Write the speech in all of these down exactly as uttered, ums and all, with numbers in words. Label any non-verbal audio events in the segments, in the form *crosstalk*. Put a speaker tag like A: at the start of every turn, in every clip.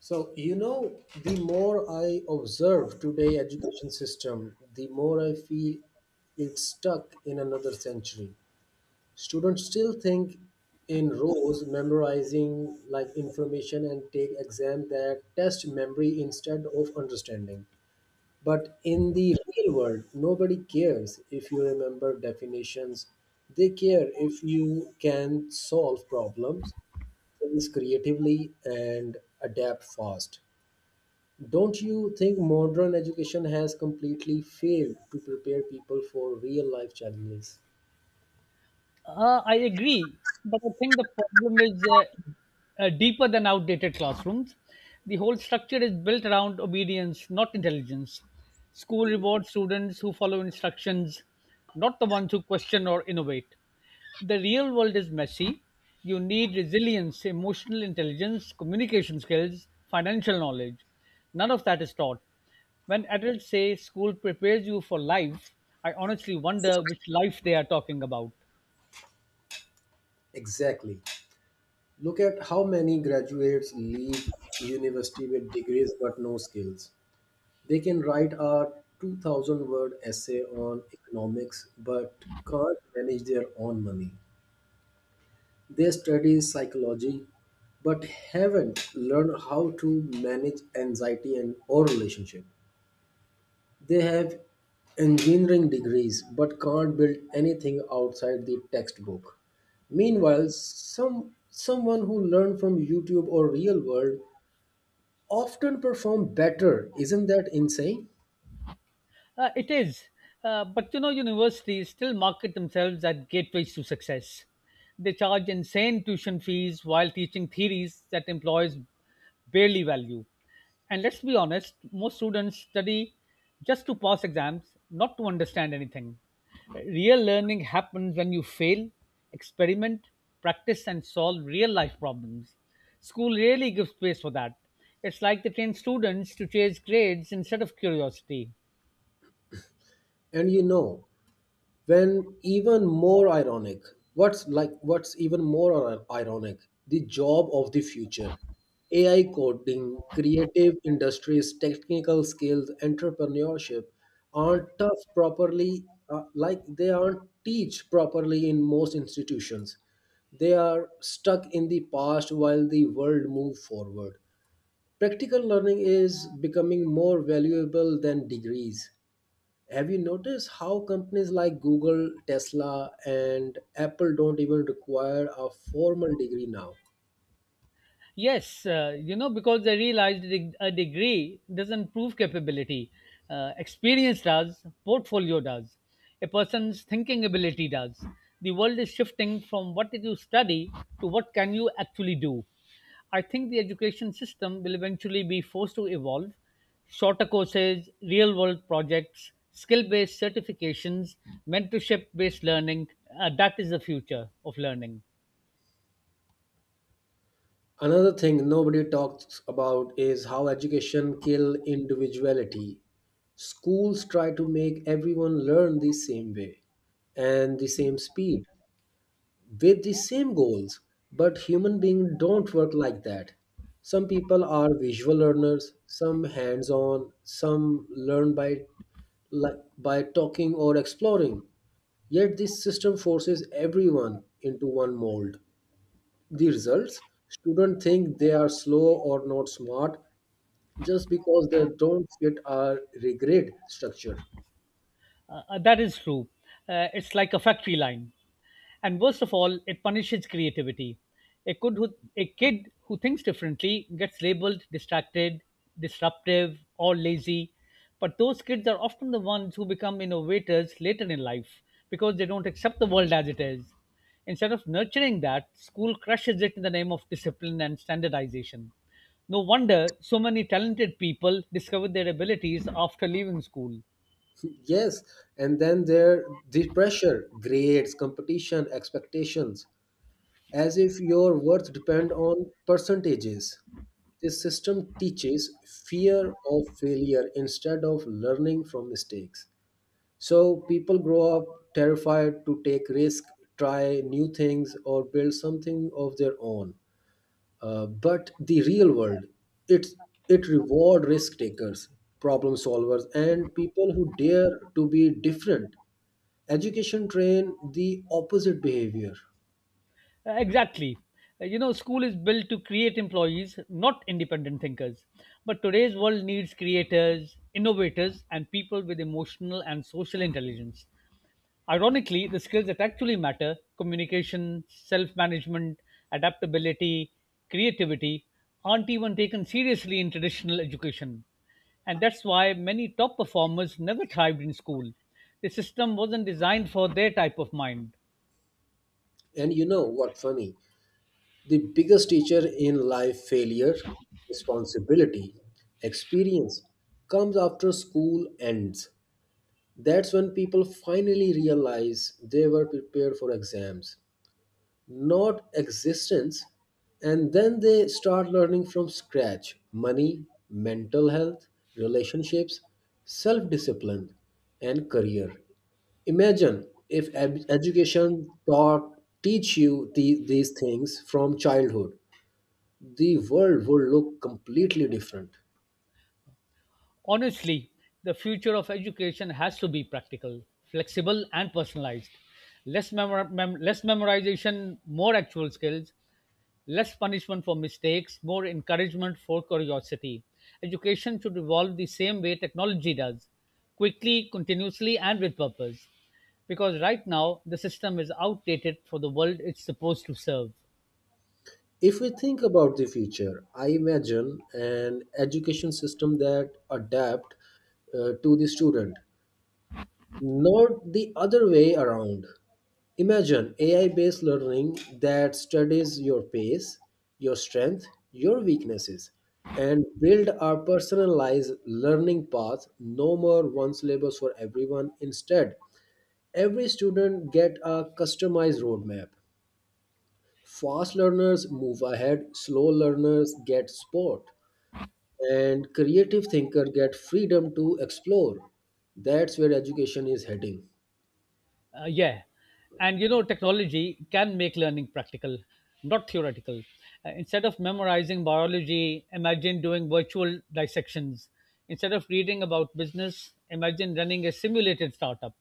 A: So, you know, the more I observe today education system, the more I feel it's stuck in another century. Students still think in rows, memorizing like information and take exam that test memory instead of understanding. But in the real world, nobody cares if you remember definitions. They care if you can solve problems, things creatively and adapt fast. Don't you think modern education has completely failed to prepare people for real life challenges?
B: Uh, I agree, but I think the problem is uh, uh, deeper than outdated classrooms. The whole structure is built around obedience, not intelligence. School rewards students who follow instructions, not the ones who question or innovate. The real world is messy. You need resilience, emotional intelligence, communication skills, financial knowledge. None of that is taught. When adults say school prepares you for life, I honestly wonder which life they are talking about.
A: Exactly. Look at how many graduates leave university with degrees but no skills. They can write a two thousand word essay on economics but can't manage their own money. They study psychology but haven't learned how to manage anxiety and or relationship. They have engineering degrees but can't build anything outside the textbook. Meanwhile, some someone who learned from YouTube or real world often perform better. Isn't that insane?
B: Uh, it is. Uh, but you know, universities still market themselves as gateways to success. They charge insane tuition fees while teaching theories that employers barely value. And let's be honest, most students study just to pass exams, not to understand anything. Real learning happens when you fail, experiment, practice, and solve real life problems. School really gives space for that. It's like they train students to chase grades instead of curiosity.
A: And you know, when even more ironic what's like what's even more ir- ironic, the job of the future, ai, coding, creative industries, technical skills, entrepreneurship aren't tough properly, uh, like they aren't teach properly in most institutions. They are stuck in the past while the world moves forward. Practical learning is becoming more valuable than degrees. Have you noticed how companies like Google, Tesla, and Apple don't even require a formal degree now?
B: Yes, uh, you know, because I realized de- a degree doesn't prove capability. Uh, experience does, portfolio does, a person's thinking ability does. The world is shifting from what did you study to what can you actually do. I think the education system will eventually be forced to evolve. Shorter courses, real world projects, skill based certifications, mentorship based learning, uh, that is the future of learning.
A: Another thing nobody talks about is how education kill individuality. Schools try to make everyone learn the same way and the same speed, with the same goals, but human beings don't work like that. Some people are visual learners, some hands on, some learn by like by talking or exploring, yet this system forces everyone into one mold. The results, students think they are slow or not smart just because they don't fit our regret structure.
B: Uh, uh, that is true. Uh, it's like a factory line. And worst of all, it punishes creativity. A kid who, a kid who thinks differently gets labeled distracted, disruptive, or lazy. But those kids are often the ones who become innovators later in life because they don't accept the world as it is. Instead of nurturing that, school crushes it in the name of discipline and standardization. No wonder so many talented people discover their abilities after leaving school.
A: *laughs* Yes, and then there, the pressure, grades, competition, expectations, as if your worth depend on percentages. This system teaches fear of failure instead of learning from mistakes. So people grow up terrified to take risk, try new things, or build something of their own. Uh, but the real world, it it reward risk takers, problem solvers, and people who dare to be different. Education train the opposite behavior.
B: Uh, Exactly. Uh, You know, school is built to create employees, not independent thinkers. But today's world needs creators, innovators, and people with emotional and social intelligence. Ironically, the skills that actually matter, communication, self management, adaptability, creativity, aren't even taken seriously in traditional education. And that's why many top performers never thrived in school. The system wasn't designed for their type of mind.
A: And you know what funny? The biggest teacher in life, failure, responsibility, experience, comes after school ends. That's when people finally realize they were prepared for exams, not existence. And then they start learning from scratch, money, mental health, relationships, self discipline, and career. Imagine if ed- education taught teach you the, these things from childhood, the world would look completely different.
B: Honestly, the future of education has to be practical, flexible, and personalized. Less, memor- mem- less memorization, more actual skills, less punishment for mistakes, more encouragement for curiosity. Education should evolve the same way technology does, quickly, continuously, and with purpose. Because right now, the system is outdated for the world it's supposed to serve.
A: If we think about the future, I imagine an education system that adapt uh, to the student, not the other way around. Imagine A I-based learning that studies your pace, your strength, your weaknesses, and build a personalized learning path. No more one syllabus for everyone. Instead, every student get a customized roadmap. Fast learners move ahead, slow learners get support, and creative thinker get freedom to explore. That's where education is heading.
B: Uh, yeah. And you know, technology can make learning practical, not theoretical. Uh, instead of memorizing biology, imagine doing virtual dissections. Instead of reading about business, imagine running a simulated startup.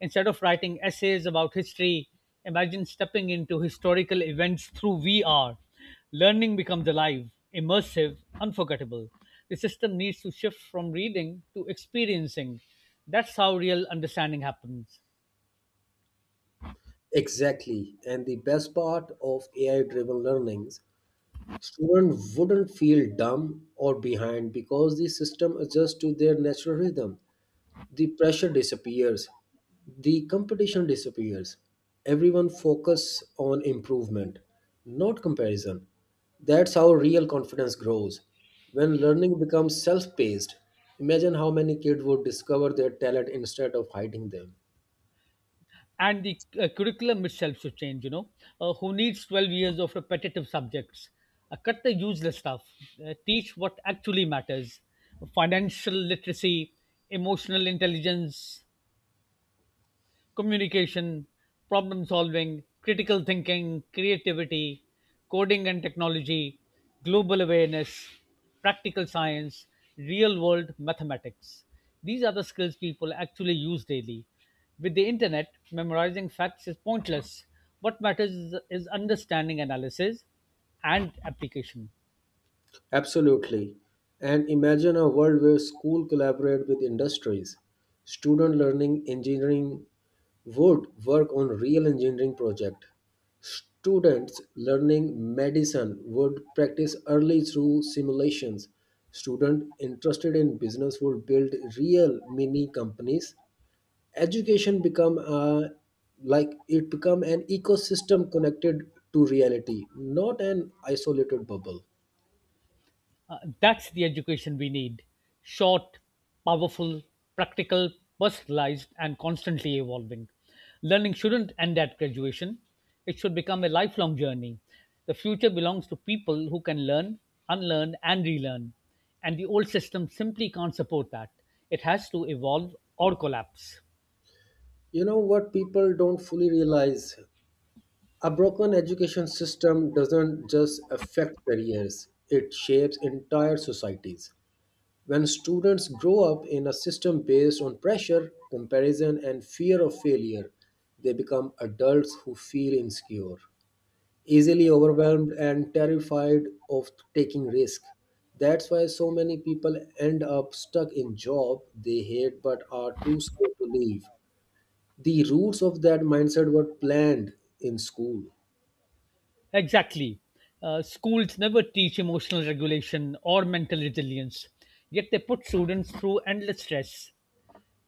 B: Instead of writing essays about history, imagine stepping into historical events through V R. Learning becomes alive, immersive, unforgettable. The system needs to shift from reading to experiencing. That's how real understanding happens.
A: Exactly. And the best part of A I-driven learnings, students wouldn't feel dumb or behind because the system adjusts to their natural rhythm. The pressure disappears, the competition disappears, everyone focus on improvement, not comparison. That's how real confidence grows, when learning becomes self-paced. Imagine how many kids would discover their talent instead of hiding them.
B: And the uh, curriculum itself should change, you know. Uh, who needs twelve years of repetitive subjects? Uh, cut the useless stuff. Uh, teach what actually matters: financial literacy, emotional intelligence, communication, problem solving, critical thinking, creativity, coding and technology, global awareness, practical science, real world mathematics. These are the skills people actually use daily. With the internet, memorizing facts is pointless. What matters is, is understanding, analysis, and application.
A: Absolutely. And imagine a world where school collaborate with industries. Student learning engineering would work on real engineering project. Students learning medicine would practice early through simulations. Student interested in business would build real mini companies. Education become a, like it become an ecosystem connected to reality, not an isolated bubble.
B: Uh, that's the education we need: short, powerful, practical, personalized, and constantly evolving. Learning shouldn't end at graduation, it should become a lifelong journey. The future belongs to people who can learn, unlearn, and relearn. And the old system simply can't support that. It has to evolve or collapse.
A: You know what people don't fully realize? A broken education system doesn't just affect careers, it shapes entire societies. When students grow up in a system based on pressure, comparison, and fear of failure, they become adults who feel insecure, easily overwhelmed, and terrified of taking risk. That's why so many people end up stuck in job they hate but are too scared to leave. The roots of that mindset were planned in school.
B: Exactly. Uh, schools never teach emotional regulation or mental resilience, yet they put students through endless stress.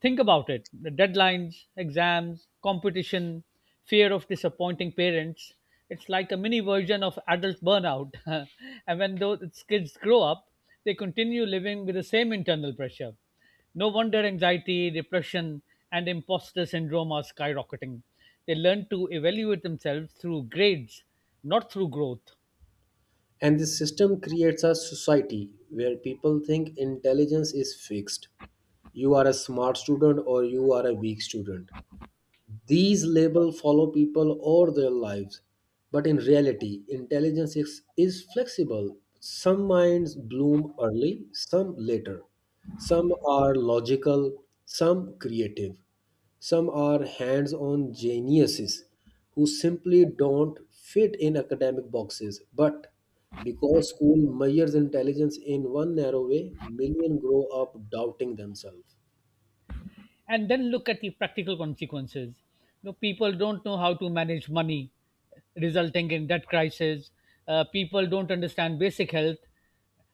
B: Think about it: the deadlines, exams, competition, fear of disappointing parents. It's like a mini version of adult burnout. *laughs* And when those kids grow up, they continue living with the same internal pressure. No wonder anxiety, depression, and imposter syndrome are skyrocketing. They learn to evaluate themselves through grades, not through growth.
A: And the system creates a society where people think intelligence is fixed. You are a smart student or you are a weak student. These labels follow people all their lives, but in reality, intelligence is, is flexible. Some minds bloom early, some later. Some are logical, some creative. Some are hands on geniuses who simply don't fit in academic boxes. But because school measures intelligence in one narrow way, millions grow up doubting themselves.
B: And then look at the practical consequences. You know, people don't know how to manage money, resulting in debt crisis. Uh, people don't understand basic health,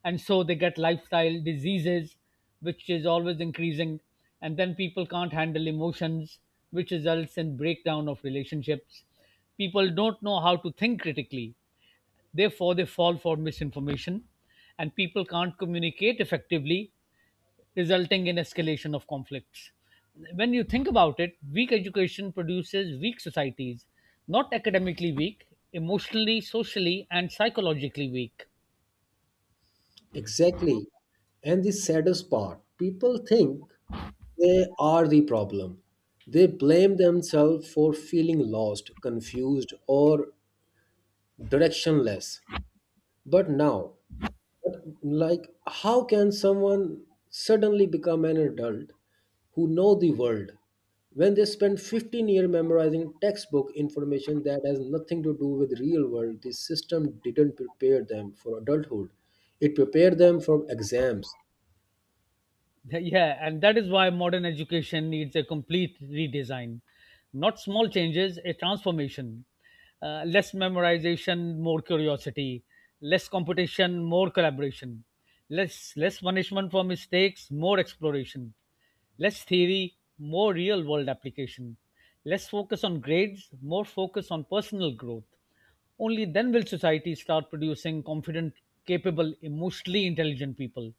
B: and so they get lifestyle diseases, which is always increasing. And then people can't handle emotions, which results in breakdown of relationships. People don't know how to think critically, therefore they fall for misinformation, and people can't communicate effectively, resulting in escalation of conflicts. When you think about it, weak education produces weak societies, not academically weak, emotionally, socially, and psychologically weak.
A: Exactly. And the saddest part, people think they are the problem. They blame themselves for feeling lost, confused, or directionless. But now, but like, how can someone suddenly become an adult who know the world when they spend fifteen years memorizing textbook information that has nothing to do with real world? The system didn't prepare them for adulthood. It prepared them for exams.
B: *laughs* Th- Yeah, and that is why modern education needs a complete redesign. Not small changes, a transformation. Uh, less memorization, more curiosity. Less competition, more collaboration. Less, less punishment for mistakes, more exploration. Less theory, more real world application. Less focus on grades, more focus on personal growth. Only then will society start producing confident, capable, emotionally intelligent people,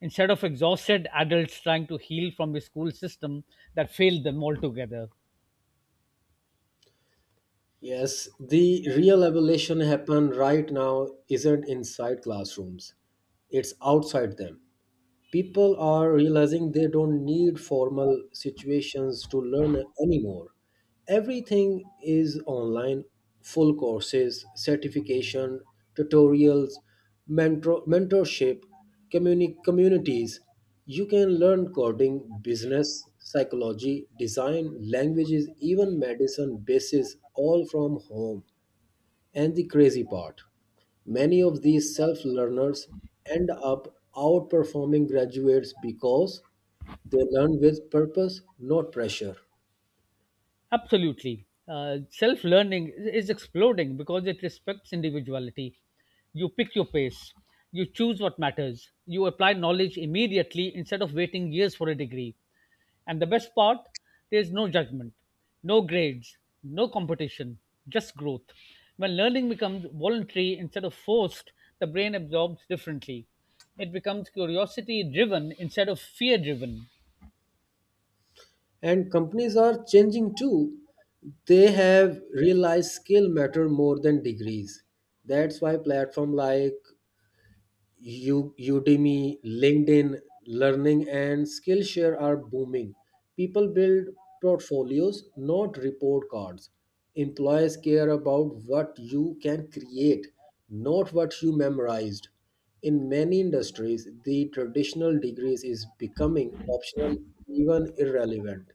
B: instead of exhausted adults trying to heal from a school system that failed them altogether.
A: Yes, the real evolution happen right now isn't inside classrooms. It's outside them. People are realizing they don't need formal situations to learn anymore. Everything is online, full courses, certification, tutorials, mentor, mentorship, communi- communities. You can learn coding, business, psychology, design, languages, even medicine, basis all from home. And the crazy part, many of these self learners end up outperforming graduates because they learn with purpose, not pressure.
B: Absolutely. Uh, Self learning is exploding because it respects individuality. You pick your pace, you choose what matters, you apply knowledge immediately instead of waiting years for a degree. And the best part, there's no judgment, no grades, no competition, just growth. When learning becomes voluntary instead of forced, the brain absorbs differently. It becomes curiosity driven instead of fear driven.
A: And companies are changing too. They have realized skill matter more than degrees. That's why platform like U- Udemy, LinkedIn, Learning, and Skillshare are booming. People build portfolios, not report cards. Employers care about what you can create, not what you memorized. In many industries, the traditional degrees is becoming optional, even irrelevant.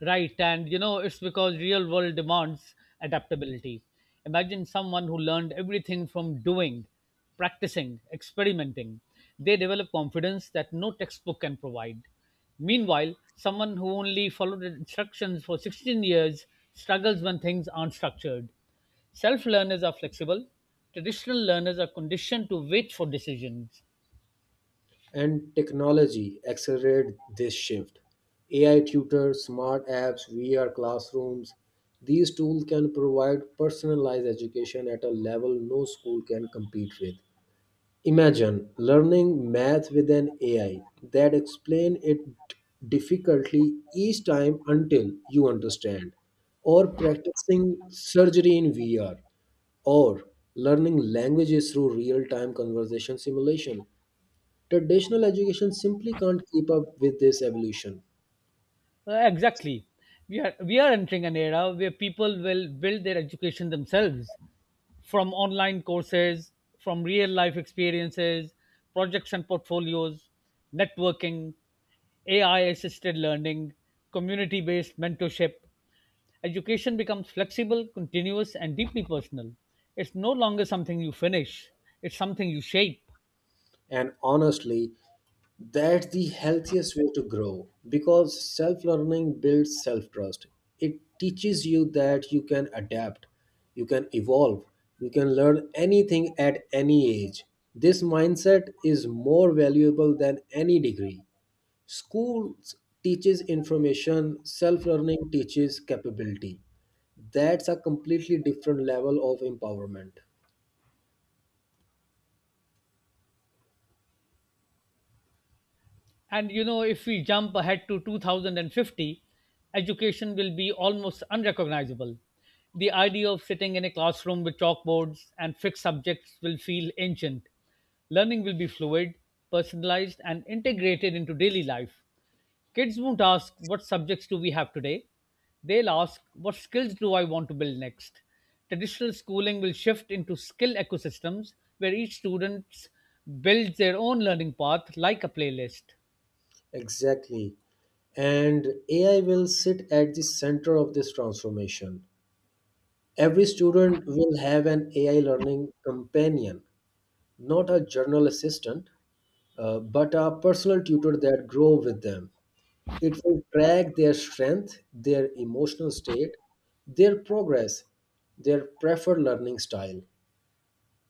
B: Right, and you know, it's because real world demands adaptability. Imagine someone who learned everything from doing, practicing, experimenting. They develop confidence that no textbook can provide. Meanwhile, someone who only followed the instructions for sixteen years struggles when things aren't structured. Self learners are flexible. Traditional learners are conditioned to wait for decisions.
A: And technology accelerate this shift. A I tutors, smart apps, V R classrooms, these tools can provide personalized education at a level no school can compete with. Imagine learning math with an A I that explain it difficultly each time until you understand, or practicing surgery in V R, or learning languages through real-time conversation simulation. Traditional education simply can't keep up with this evolution.
B: Uh, exactly. We are, we are entering an era where people will build their education themselves: from online courses, from real life experiences, projects and portfolios, networking, A I assisted learning, community based mentorship. Education becomes flexible, continuous, and deeply personal. It's no longer something you finish, it's something you shape.
A: And honestly, that's the healthiest way to grow because self learning builds self trust. It teaches you that you can adapt, you can evolve, you can learn anything at any age. This mindset is more valuable than any degree. Schools teaches information, self learning teaches capability. That's a completely different level of empowerment.
B: And you know, if we jump ahead to two thousand fifty, education will be almost unrecognizable. The idea of sitting in a classroom with chalkboards and fixed subjects will feel ancient. Learning will be fluid, personalized, and integrated into daily life. Kids won't ask, "What subjects do we have today?" They'll ask, "What skills do I want to build next?" Traditional schooling will shift into skill ecosystems where each student builds their own learning path like a playlist.
A: Exactly. And A I will sit at the center of this transformation. Every student will have an A I learning companion, not a journal assistant, uh, but a personal tutor that grow with them. It will track their strength, their emotional state, their progress, their preferred learning style.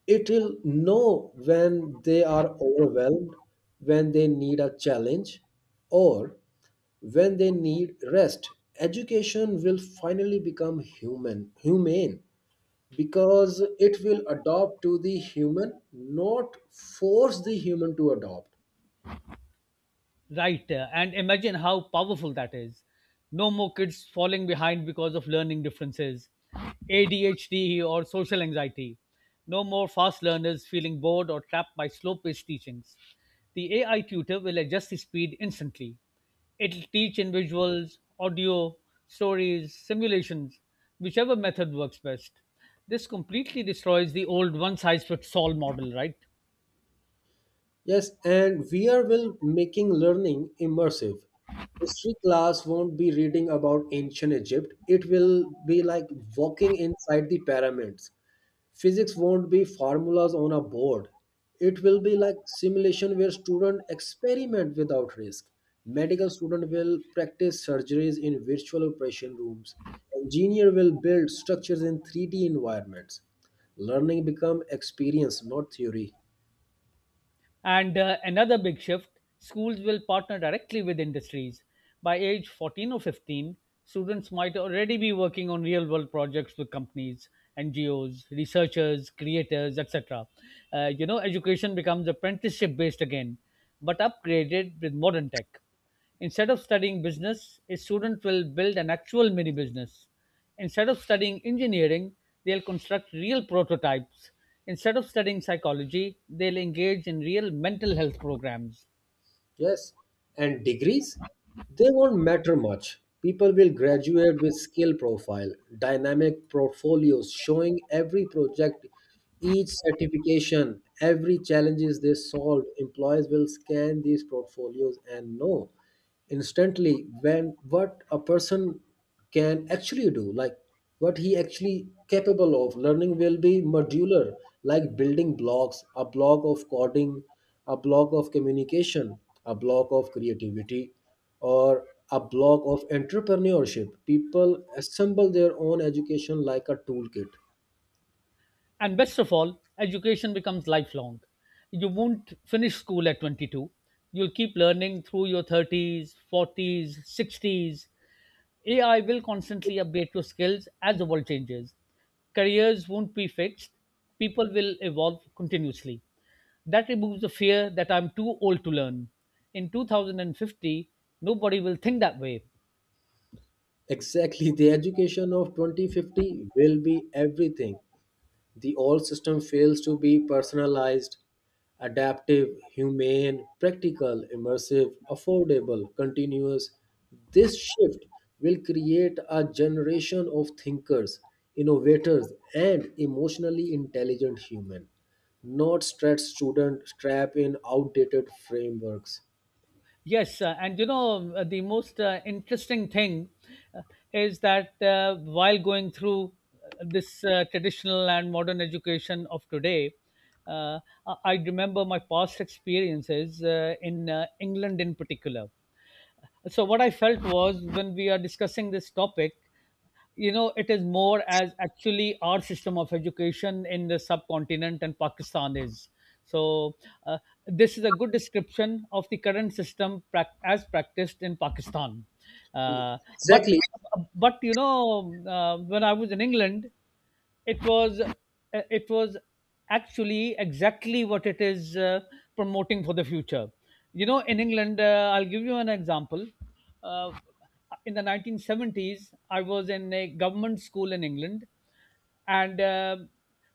A: It will know when they are overwhelmed, when they need a challenge, or when they need rest. Education will finally become human, humane, because it will adopt to the human, not force the human to adopt.
B: Right. uh, And imagine how powerful that is. No more kids falling behind because of learning differences, A D H D, or social anxiety. No more fast learners feeling bored or trapped by slow paced teachings. The A I tutor will adjust the speed instantly. It'll teach in visuals, audio, stories, simulations, whichever method works best. This completely destroys the old one size fits all model, right?
A: Yes, and we are will making learning immersive. History class won't be reading about ancient Egypt. It will be like walking inside the pyramids. Physics won't be formulas on a board. It will be like simulation where students experiment without risk. Medical student will practice surgeries in virtual operation rooms. Engineer will build structures in three D environments. Learning become experience, not theory.
B: And uh, another big shift, schools will partner directly with industries. By age fourteen or fifteen, students might already be working on real world projects with companies, N G Os, researchers, creators, et cetera. Uh, you know, education becomes apprenticeship based again, but upgraded with modern tech. Instead of studying business, a student will build an actual mini business. Instead of studying engineering, they'll construct real prototypes. Instead of studying psychology, they'll engage in real mental health programs.
A: Yes, and degrees, they won't matter much. People will graduate with skill profile, dynamic portfolios showing every project, each certification, every challenges they solved. Employers will scan these portfolios and know instantly when what a person can actually do, like what he actually capable of. Learning will be modular, like building blocks, a block of coding, a block of communication, a block of creativity, or a block of entrepreneurship. People assemble their own education like a toolkit.
B: And best of all, education becomes lifelong. You won't finish school at twenty-two. You'll keep learning through your thirties, forties, sixties. A I will constantly update your skills as the world changes. Careers won't be fixed, people will evolve continuously. That removes the fear that I'm too old to learn. In two thousand fifty, nobody will think that way.
A: Exactly, the education of twenty fifty will be everything the old system fails to be, personalized, adaptive, humane, practical, immersive, affordable, continuous. This shift will create a generation of thinkers, innovators, and emotionally intelligent humans, not stressed students trapped in outdated frameworks.
B: Yes, uh, and you know, um, uh, the most uh, interesting thing uh, is that, uh, while going through uh, this uh, traditional and modern education of today, uh, I I remember my past experiences uh, in uh, England in particular. So what I felt was, when we are discussing this topic, you know, it is more as actually our system of education in the subcontinent and Pakistan is so, uh, this is a good description of the current system prac- as practiced in Pakistan. uh, but
A: Exactly.
B: but you know, uh, when I was in England, it was uh, it was actually exactly what it is, uh, promoting for the future. You know, in England, uh, I'll give you an example. uh, in the nineteen seventies, I was in a government school in England, and uh,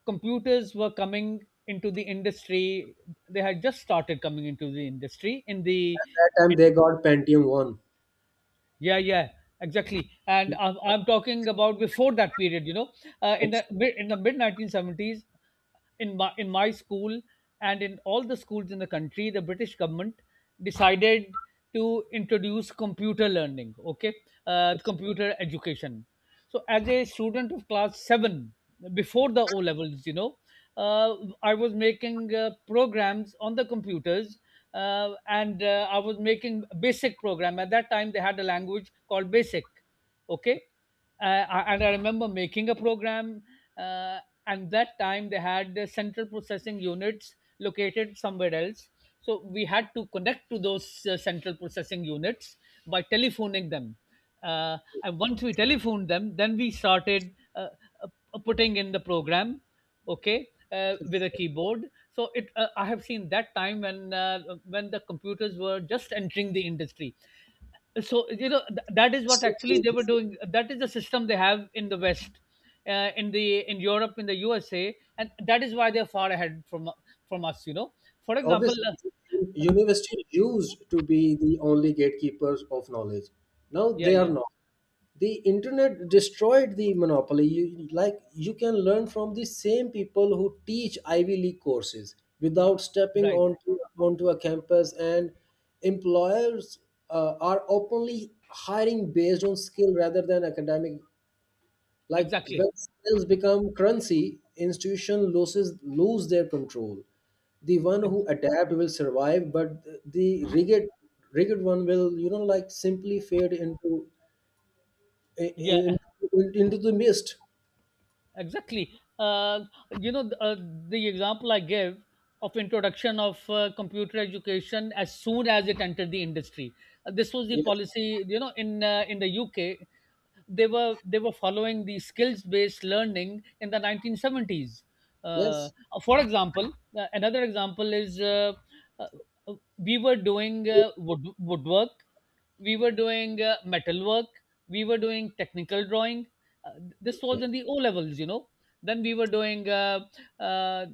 B: computers were coming into the industry. They had just started coming into the industry in the
A: At that time
B: in
A: they got Pentium
B: yeah, yeah, exactly. And
A: one.
B: I'm, I'm talking about before that period, you know, uh, in the
A: *laughs*
B: mid- in the mid nineteen seventies, in my in my school and in all the schools in the country, the British government decided to introduce computer learning. Okay, uh, computer education. So as a student of class seven, before the O levels, you know, uh, I was making uh, programs on the computers. Uh, and uh, I was making BASIC program. At that time they had a language called BASIC. Okay. Uh, I- and I remember making a program. uh, and that time they had uh, central processing units located somewhere else, so we had to connect to those uh, central processing units by telephoning them. Uh, and once we telephoned them, then we started uh, uh, putting in the program. Okay, uh, with a keyboard. So it uh, I have seen that time when uh, when the computers were just entering the industry. So you know, th- that is what actually
A: Exactly.
B: they were doing. That is the system they have in the west, uh, in the in Europe, in the U S A. And that is why they're far ahead from from us, you know. For example,
A: Obviously
B: uh,
A: university used to be the only gatekeepers of knowledge, now
B: yeah,
A: they are
B: yeah.
A: not. The internet destroyed the monopoly. you, like you can learn from the same people who teach ivy league courses without stepping
B: Right, right.
A: onto onto a campus. And employers uh, are openly hiring based on skill rather than academic. Like when
B: Exactly.
A: sales become currency, institution loses lose their control. The one who
B: Ex-
A: adapt will survive, but the rigid rigid one will, you know, like simply fade into
B: yeah.
A: in, into the mist.
B: Exactly. Uh, you know, th- uh, the example I gave of introduction of uh, computer education as soon as it entered the industry. Uh, this was the
A: Yes.
B: policy, you know, in uh, in the U K. they were they were following the skills based learning in the nineteen seventies. Uh,
A: Yes.
B: for example, uh, another example is uh, uh, we were doing uh, wood woodwork, we were doing uh, metalwork, we were doing technical drawing. uh, this
A: Okay.
B: was in the O levels, you know. Then we were doing uh, uh,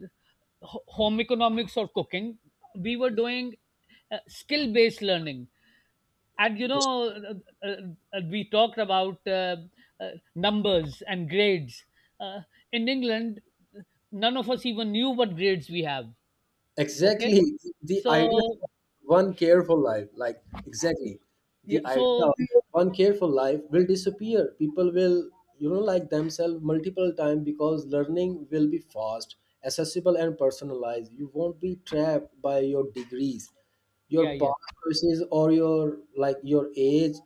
B: ho- home economics or cooking. We were doing uh, skill based learning. And you know, uh, uh, uh, we talked about uh, uh, numbers and grades. Uh, in England, none of us even knew what grades we have. Okay,
A: Exactly. The idea
B: so
A: of one careful life, like exactly.
B: yeah.
A: The idea
B: So
A: of one careful life will disappear. People will, you know, like themselves multiple times because learning will be fast, accessible and personalized. You won't be trapped by your degrees, your
B: yeah, yeah,
A: past choices or your like your age.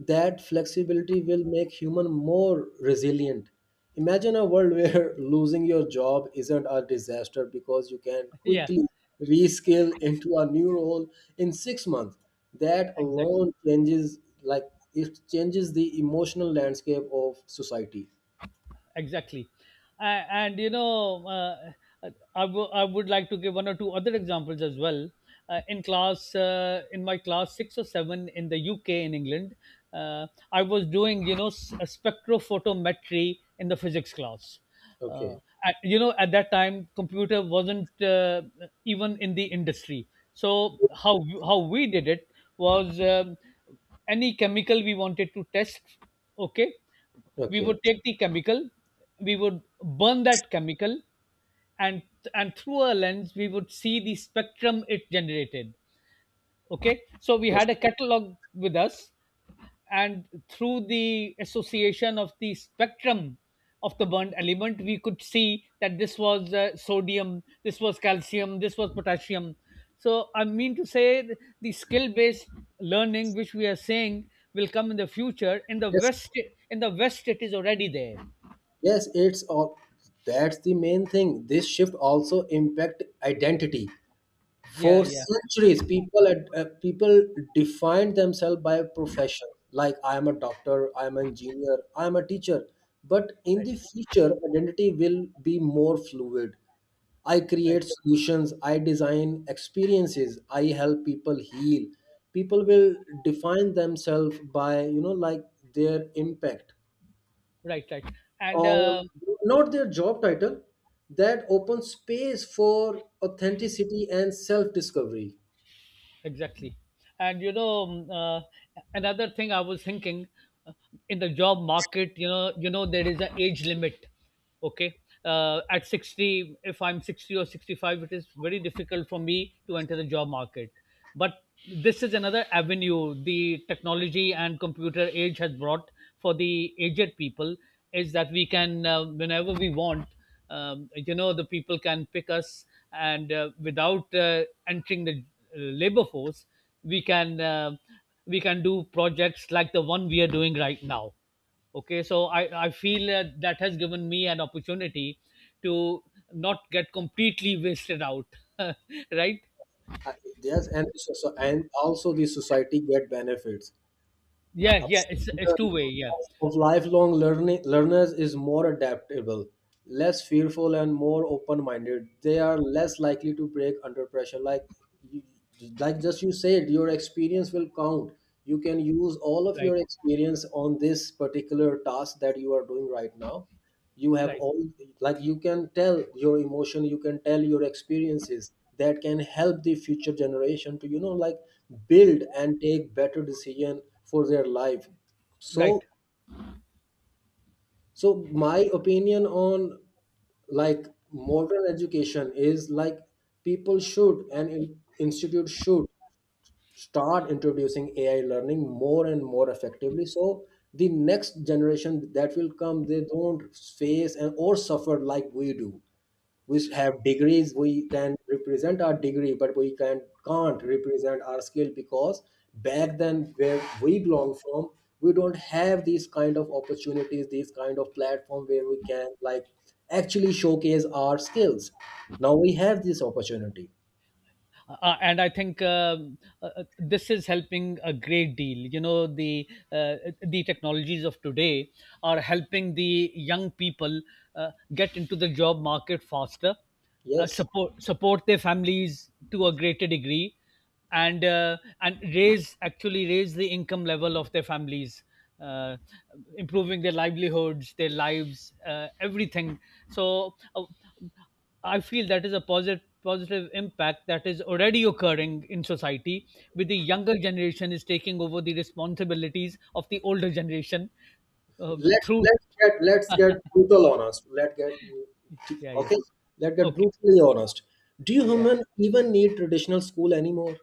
A: That flexibility will make human more resilient. Imagine a world where *laughs* losing your job isn't a disaster because you can
B: *laughs* yeah,
A: quickly reskill into a new role in six months. That
B: exactly.
A: alone changes, like it changes the emotional landscape of society.
B: Exactly. A- and you know, uh, I w- I would like to give one or two other examples as well. Uh, in class, uh, in my class six or seven, in the U K, in England. uh, I was doing, you know, s- a spectrophotometry in the physics class. uh,
A: Okay,
B: at, you know, at that time computer wasn't uh, even in the industry. So how how we did it was, um, any chemical we wanted to test. Okay, we
A: okay,
B: would take the chemical, we would burn that chemical, and and through a lens we would see the spectrum it generated. Okay, so we
A: yes,
B: had a catalog with us, and through the association of the spectrum of the burnt element, we could see that this was uh, sodium, this was calcium, this was potassium. So I mean to say, th- the skill based learning which we are saying will come in the future in the
A: yes.
B: west, in the west it is already there.
A: Yes, it's all, that's the main thing. This shift also impact identity.
B: Yeah,
A: For
B: yeah.
A: centuries, people at, uh, people defined themselves by a profession, like I am a doctor, I am an engineer, I am a teacher. But in the
B: Right,
A: future, identity will be more fluid. I
B: right.
A: create solutions, I design experiences, I help people heal. People will define themselves by, you know, like their impact
B: Right, right. and
A: or
B: uh,
A: not their job title. That opens space for authenticity and self discovery.
B: Exactly. And you know, um, uh, another thing I was thinking. uh, in the job market, you know, you know there is an age limit. Okay, uh, at sixty, if I'm sixty or sixty-five, it is very difficult for me to enter the job market. But this is another avenue the technology and computer age has brought for the aged people, is that we can, uh, whenever we want, um, you know, the people can pick us, and uh, without uh, entering the uh, labor force, we can, uh, we can do projects like the one we are doing right now. Okay, so i i feel uh, that has given me an opportunity to not get completely wasted out. *laughs* Right.
A: I- Yes, and so, so- and also the society get benefits.
B: Yeah,
A: A
B: yeah, it's it's two
A: student
B: way. Yeah.
A: of lifelong learning, learners is more adaptable, less fearful, and more open-minded. They are less likely to break under pressure. Like, you- like just you said, your experience will count. You can use all of
B: Right,
A: your experience on this particular task that you are doing right now, you have
B: right,
A: all, like you can tell your emotion, you can tell your experiences, that can help the future generation to, you know like build and take better decision for their life. So,
B: right.
A: so my opinion on, like modern education is like people should, and in, institute should start introducing ai learning more and more effectively so the next generation that will come they don't face and or suffer like we do. We have degrees, we can represent our degree but we can can't represent our skill because back then where we belong from, we don't have these kind of opportunities, these kind of platform where we can, like actually showcase our skills. Now we have this opportunity.
B: Uh, uh, and I think, um, uh, uh, this is helping a great deal. You know, the uh, the technologies of today are helping the young people uh, get into the job market faster, uh,
A: Yes,
B: support support their families to a greater degree, and uh, and raise actually raise the income level of their families, uh, improving their livelihoods, their lives, uh, everything. So, uh, I feel that is a positive positive impact that is already occurring in society, with the younger generation is taking over the responsibilities of the older generation, uh,
A: let's
B: through.
A: let's get let's get brutal honest let get
B: Yeah, yeah.
A: okay, let get
B: Okay.
A: brutally honest, do
B: Yeah,
A: humans even need traditional school anymore?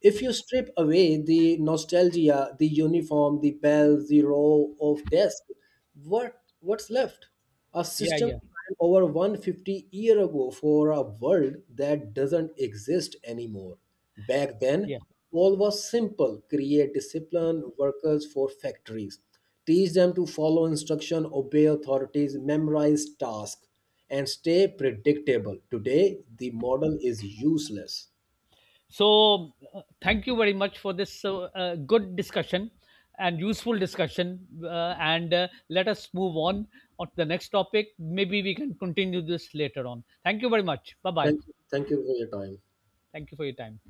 A: If you strip away the nostalgia, the uniform, the bells, the row of desks, what what's left? A
B: yeah.
A: system
B: Yeah,
A: designed over one hundred fifty years ago for a world that doesn't exist anymore. Back then,
B: yeah.
A: all was simple, create discipline, workers for factories, teach them to follow instruction, obey authorities, memorize tasks, and stay predictable. Today, the model is useless.
B: So, uh, thank you very much for this uh, uh, good discussion and useful discussion. Uh, and uh, Let us move on on to the next topic. Maybe we can continue this later on. Thank you very much. Bye bye.
A: Thank you, thank you for your time.
B: Thank you for your time.